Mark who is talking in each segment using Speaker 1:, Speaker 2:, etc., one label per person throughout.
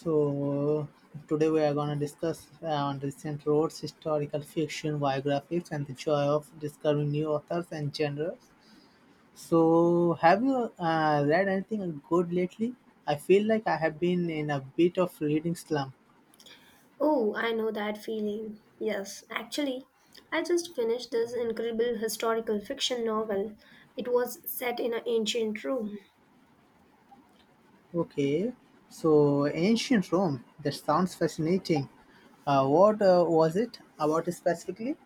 Speaker 1: So today we are going to discuss on recent roads, historical fiction, biographies, and the joy of discovering new authors and genres. So have you read anything good lately? I feel like I have been in a bit of reading slump.
Speaker 2: Oh, I know that feeling. Yes, actually, I just finished this incredible historical fiction novel. It was set in an ancient Rome.
Speaker 1: Okay, so ancient Rome. That sounds fascinating. What was it about specifically?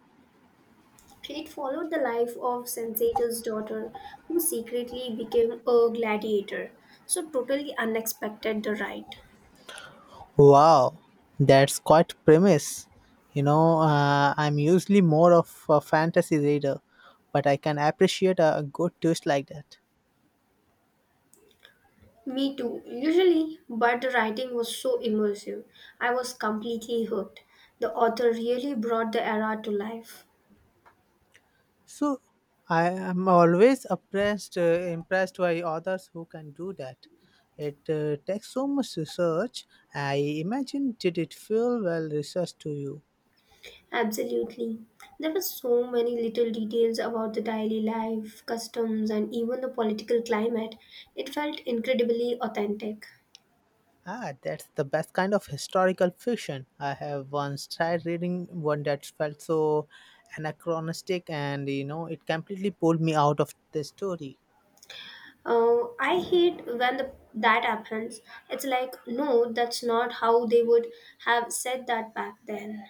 Speaker 2: It followed the life of Sensator's daughter, who secretly became a gladiator. So, totally unexpected, the ride.
Speaker 1: Wow, that's quite premise. You know, I'm usually more of a fantasy reader, but I can appreciate a good twist like that.
Speaker 2: Me too, usually, but the writing was so immersive. I was completely hooked. The author really brought the era to life.
Speaker 1: So, I am always impressed by authors who can do that. It takes so much research. I imagine, did it feel well researched to you?
Speaker 2: Absolutely. There were so many little details about the daily life, customs, and even the political climate. It felt incredibly authentic.
Speaker 1: Ah, that's the best kind of historical fiction. I have once tried reading one that felt so anachronistic, and you know it completely pulled me out of the story.
Speaker 2: Oh, I hate when that happens. It's like, no, that's not how they would have said that back then.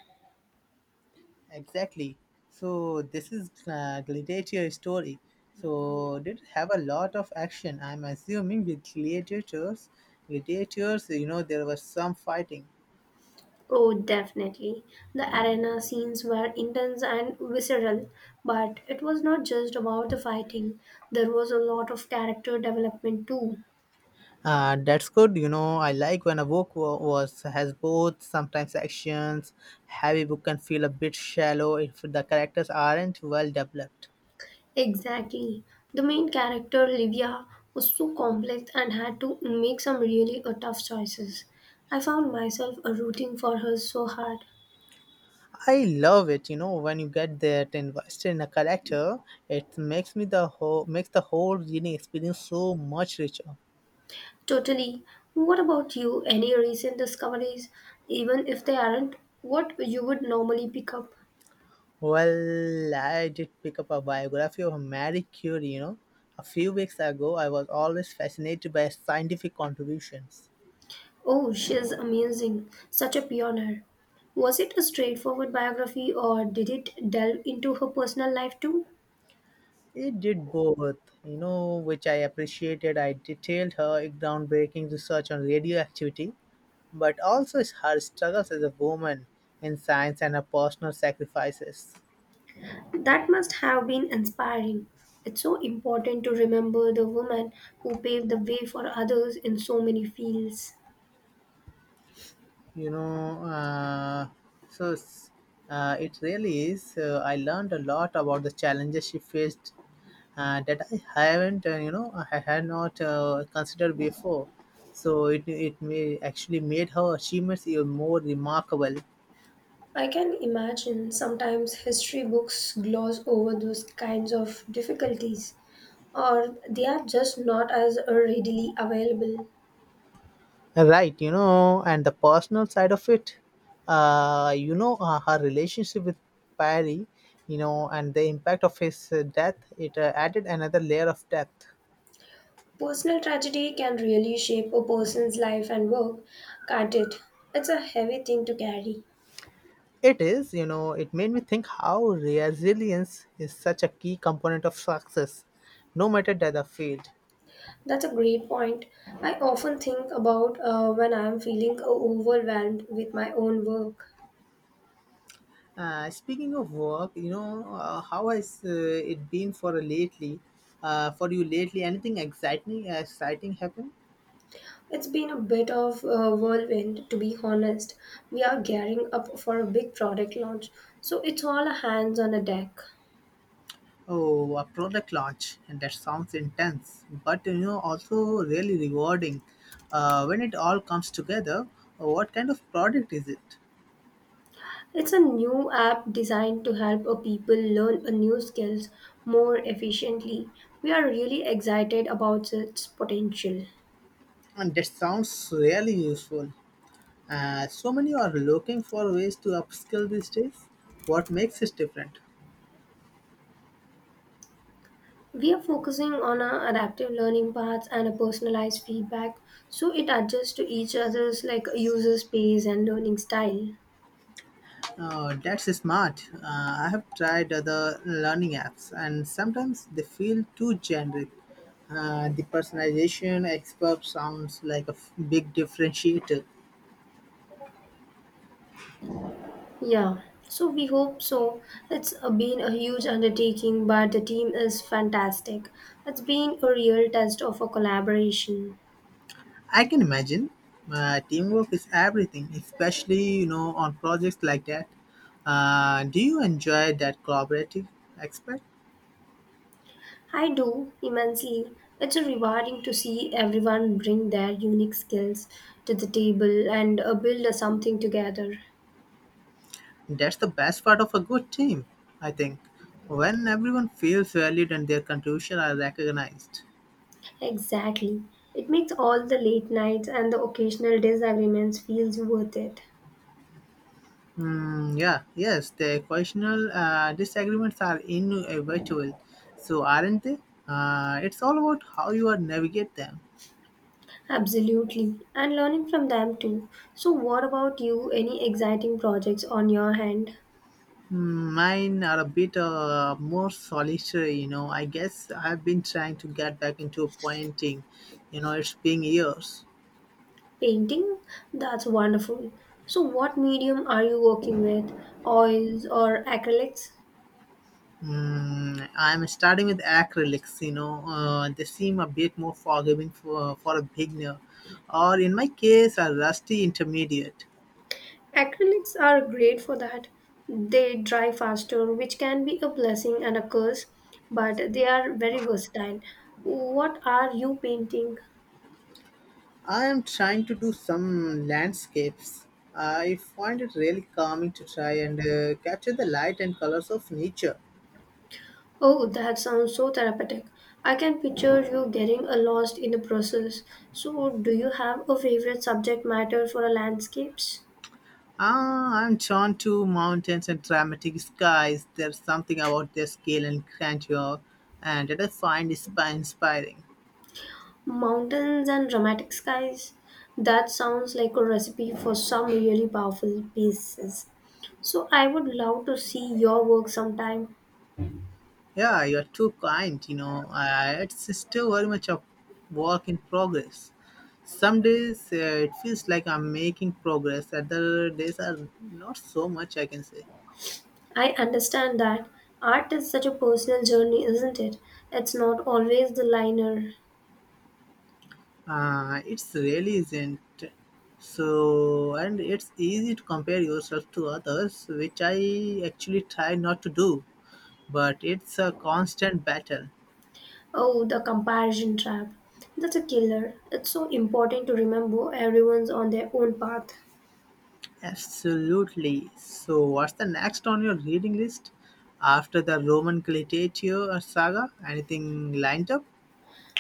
Speaker 1: Exactly. So this is gladiator story. So did it have a lot of action. I'm assuming with gladiators, you know there was some fighting.
Speaker 2: Oh, definitely. The arena scenes were intense and visceral, but it was not just about the fighting. There was a lot of character development too.
Speaker 1: That's good. You know, I like when a book wa- was has both. Sometimes actions heavy book can feel a bit shallow if the characters aren't well developed.
Speaker 2: Exactly. The main character, Livia, was so complex and had to make some really tough choices. I found myself rooting for her so hard.
Speaker 1: I love it. You know, when you get that invested in a character, it makes me the whole makes the whole reading experience so much richer.
Speaker 2: Totally. What about you? Any recent discoveries, even if they aren't what you would normally pick up?
Speaker 1: Well, I did pick up a biography of Marie Curie. You know, a few weeks ago, I was always fascinated by her scientific contributions.
Speaker 2: Oh, she's amazing. Such a pioneer. Was it a straightforward biography or did it delve into her personal life too?
Speaker 1: It did both, you know, which I appreciated. I detailed her groundbreaking research on radioactivity, but also her struggles as a woman in science and her personal sacrifices.
Speaker 2: That must have been inspiring. It's so important to remember the women who paved the way for others in so many fields.
Speaker 1: You know, uh, so s- it really is. I learned a lot about the challenges she faced that I haven't, I had not considered before. So it may actually made her achievements even more remarkable.
Speaker 2: I can imagine sometimes history books gloss over those kinds of difficulties, or they are just not as readily available.
Speaker 1: Right, you know, and the personal side of it, her relationship with Perry, you know, and the impact of his death, it added another layer of depth.
Speaker 2: Personal tragedy can really shape a person's life and work, can't it? It's a heavy thing to carry.
Speaker 1: It is, you know, it made me think how resilience is such a key component of success, no matter the field.
Speaker 2: That's a great point. I often think about when I'm feeling overwhelmed with my own work.
Speaker 1: Speaking of work, you know, how has it been for lately? For you lately, anything exciting happened?
Speaker 2: It's been a bit of a whirlwind, to be honest. We are gearing up for a big product launch, so it's all hands on a deck.
Speaker 1: Oh, a product launch, and that sounds intense, but you know, also really rewarding. When it all comes together, what kind of product is it?
Speaker 2: It's a new app designed to help people learn a new skills more efficiently. We are really excited about its potential.
Speaker 1: And that sounds really useful. So many are looking for ways to upskill these days. What makes it different?
Speaker 2: We are focusing on our adaptive learning paths and a personalized feedback so it adjusts to each other's like user space and learning style.
Speaker 1: Oh, that's smart. I have tried other learning apps, and sometimes they feel too generic. The personalization expert sounds like a big differentiator.
Speaker 2: Yeah, so we hope so. It's been a huge undertaking, but the team is fantastic. It's been a real test of a collaboration.
Speaker 1: I can imagine. Teamwork is everything, especially you know on projects like that. Do you enjoy that collaborative aspect?
Speaker 2: I do immensely. It's a rewarding to see everyone bring their unique skills to the table and build a something together.
Speaker 1: That's the best part of a good team, I think. When everyone feels valued and their contribution are recognized.
Speaker 2: Exactly. It makes all the late nights and the occasional disagreements feels worth it.
Speaker 1: Hmm. Yeah, yes, the occasional disagreements are inevitable, so aren't they? It's all about how you are navigate them.
Speaker 2: Absolutely. And learning from them too. So what about you? Any exciting projects on your hand?
Speaker 1: Mine are a bit more solitary, you know. I guess I've been trying to get back into painting, you know, it's been years.
Speaker 2: Painting? That's wonderful. So what medium are you working with? Oils or acrylics?
Speaker 1: I'm starting with acrylics, you know, they seem a bit more forgiving for a beginner, or in my case, a rusty intermediate.
Speaker 2: Acrylics are great for that. They dry faster, which can be a blessing and a curse, but they are very versatile. What are you painting?
Speaker 1: I am trying to do some landscapes. I find it really calming to try and capture the light and colors of nature.
Speaker 2: Oh, that sounds so therapeutic. I can picture you getting lost in the process. So, do you have a favorite subject matter for landscapes?
Speaker 1: Ah, I'm drawn to mountains and dramatic skies. There's something about their scale and grandeur, and that I find is inspiring.
Speaker 2: Mountains and dramatic skies? That sounds like a recipe for some really powerful pieces. So, I would love to see your work sometime.
Speaker 1: Yeah, you're too kind. You know, I, it's still very much a work in progress. Some days it feels like I'm making progress. Other days are not so much. I can say.
Speaker 2: I understand that art is such a personal journey, isn't it? It's not always the liner.
Speaker 1: It's really isn't so, and it's easy to compare yourself to others, which I actually try not to do, but it's a constant battle.
Speaker 2: Oh, the comparison trap. That's a killer. It's so important to remember everyone's on their own path.
Speaker 1: Absolutely. So what's the next on your reading list after the Roman gladiator saga, anything lined up?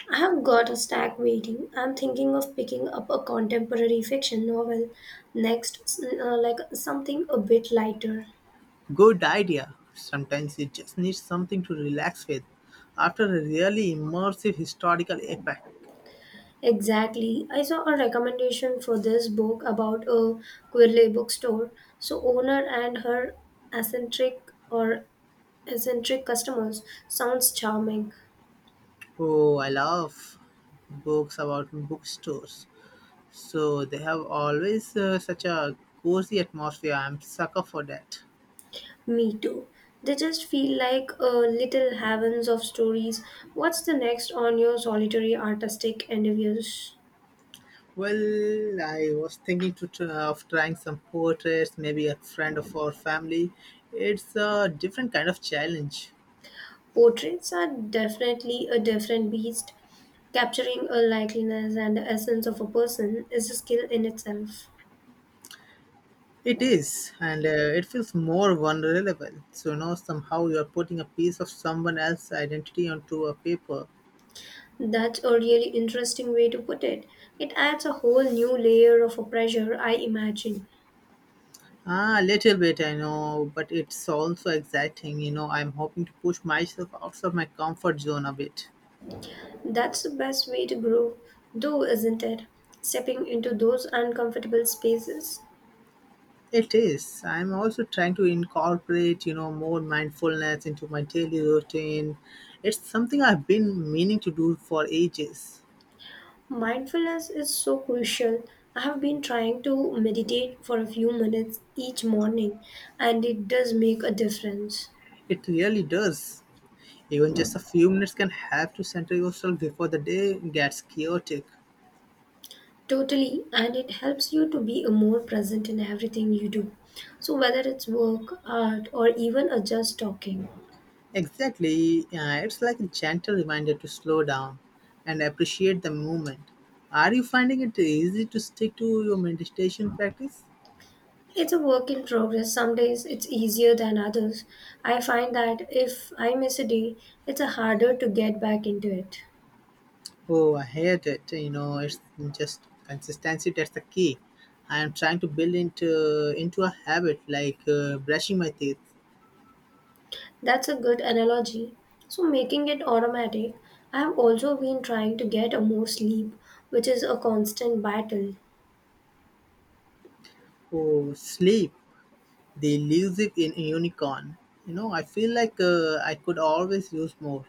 Speaker 2: I have got a stack waiting. I'm thinking of picking up a contemporary fiction novel next, like something a bit lighter.
Speaker 1: Good idea. Sometimes you just need something to relax with after a really immersive historical epic.
Speaker 2: Exactly. I saw a recommendation for this book about a Quirley bookstore. So owner and her eccentric or eccentric customers sounds charming.
Speaker 1: Oh, I love books about bookstores. So they have always such a cozy atmosphere. I'm sucker for that.
Speaker 2: Me too. They just feel like little heavens of stories. What's the next on your solitary artistic endeavors?
Speaker 1: Well, I was of trying some portraits, maybe a friend of our family. It's a different kind of challenge.
Speaker 2: Portraits are definitely a different beast. Capturing a likeliness and the essence of a person is a skill in itself.
Speaker 1: It is, and it feels more vulnerable. So now somehow you are putting a piece of someone else's identity onto a paper.
Speaker 2: That's a really interesting way to put it. It adds a whole new layer of a pressure, I imagine.
Speaker 1: Ah, a little bit, I know, but it's also exciting. You know, I'm hoping to push myself outside my comfort zone a bit.
Speaker 2: That's the best way to grow, though, isn't it? Stepping into those uncomfortable spaces.
Speaker 1: It is. I'm also trying to incorporate, you know, more mindfulness into my daily routine. It's something I've been meaning to do for ages.
Speaker 2: Mindfulness is so crucial. I have been trying to meditate for a few minutes each morning, and it does make a difference.
Speaker 1: It really does. Even just a few minutes can help to center yourself before the day gets chaotic.
Speaker 2: Totally, and it helps you to be a more present in everything you do. So, whether it's work, art, or even a just talking,
Speaker 1: Exactly. Yeah, it's like a gentle reminder to slow down and appreciate the moment. Are you finding it easy to stick to your meditation practice?
Speaker 2: it's a work in progress. Some days it's easier than others. I find that if I miss a day, it's harder to get back into it.
Speaker 1: Oh, I hate it. You know, it's just consistency that's the key. I am trying to build into a habit like brushing my teeth.
Speaker 2: That's a good analogy. So, making it automatic, I have also been trying to get a more sleep, which is a constant battle.
Speaker 1: Oh, sleep, the elusive in unicorn. You know, I feel like I could always use more.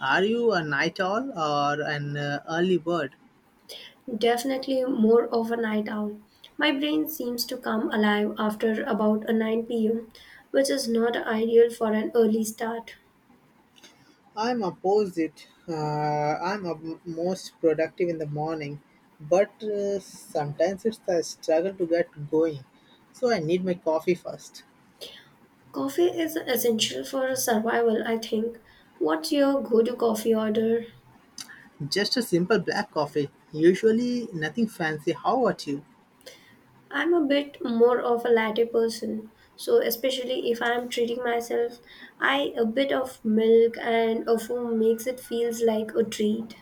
Speaker 1: Are you a night owl or an early bird?
Speaker 2: Definitely more of a night owl. My brain seems to come alive after about a 9 p.m., which is not ideal for an early start.
Speaker 1: I'm opposite. I'm most productive in the morning, but sometimes it's a struggle to get going. So I need my coffee first.
Speaker 2: Coffee is essential for survival, I think. What's your go to coffee order?
Speaker 1: Just a simple black coffee. Usually nothing fancy. How about you?
Speaker 2: I'm a bit more of a latte person, so especially if I'm treating myself, I a bit of milk and a foam makes it feels like a treat.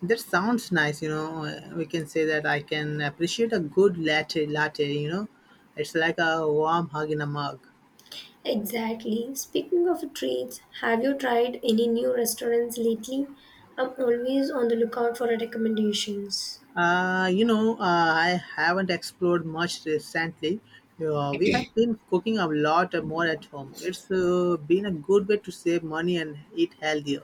Speaker 1: That sounds nice. You know, we can say that I can appreciate a good latte. You know, it's like a warm hug in a mug.
Speaker 2: Exactly. Speaking of treats, have you tried any new restaurants lately? I'm always on the lookout for recommendations.
Speaker 1: Uh, you know, uh, I haven't explored much recently. We have been cooking a lot more at home. It's been a good way to save money and eat healthier.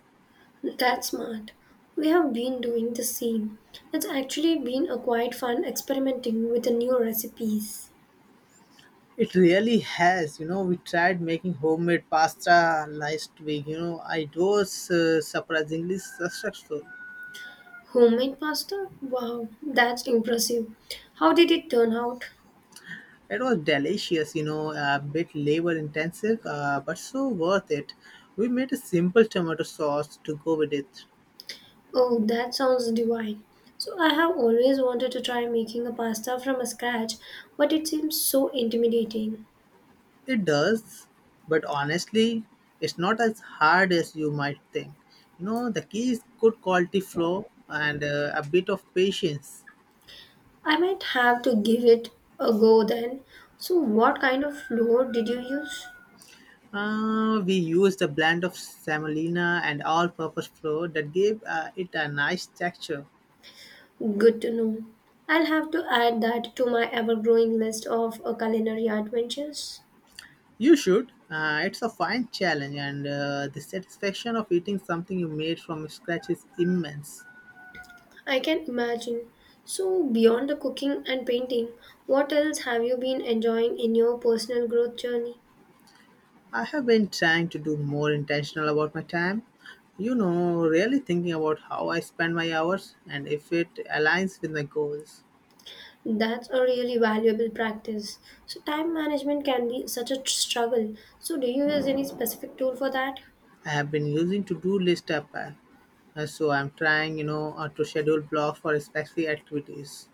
Speaker 2: That's smart. We have been doing the same. It's actually been a quite fun experimenting with the new recipes.
Speaker 1: It really has. You know, we tried making homemade pasta last week. You know, it was surprisingly successful.
Speaker 2: Homemade pasta? Wow, that's impressive. How did it turn out?
Speaker 1: It was delicious, you know, a bit labor intensive, but so worth it. We made a simple tomato sauce to go with it.
Speaker 2: Oh, that sounds divine. So, I have always wanted to try making a pasta from scratch, but it seems so intimidating.
Speaker 1: It does, but honestly, it's not as hard as you might think. You know, the key is good quality flow and a bit of patience.
Speaker 2: I might have to give it a go then. So, what kind of flour did you use?
Speaker 1: We used a blend of semolina and all-purpose flour that gave it a nice texture.
Speaker 2: Good to know. I'll have to add that to my ever growing list of culinary adventures.
Speaker 1: You should. It's a fine challenge, and the satisfaction of eating something you made from scratch is immense.
Speaker 2: I can imagine. So, beyond the cooking and painting, what else have you been enjoying in your personal growth journey?
Speaker 1: I have been trying to do more intentional about my time. You know, really thinking about how I spend my hours and if it aligns with my goals.
Speaker 2: That's a really valuable practice. So, time management can be such a struggle. So, do you use any specific tool for that?
Speaker 1: I have been using to-do list app, so I'm trying, you know, to schedule blocks for specific activities.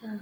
Speaker 2: Yeah.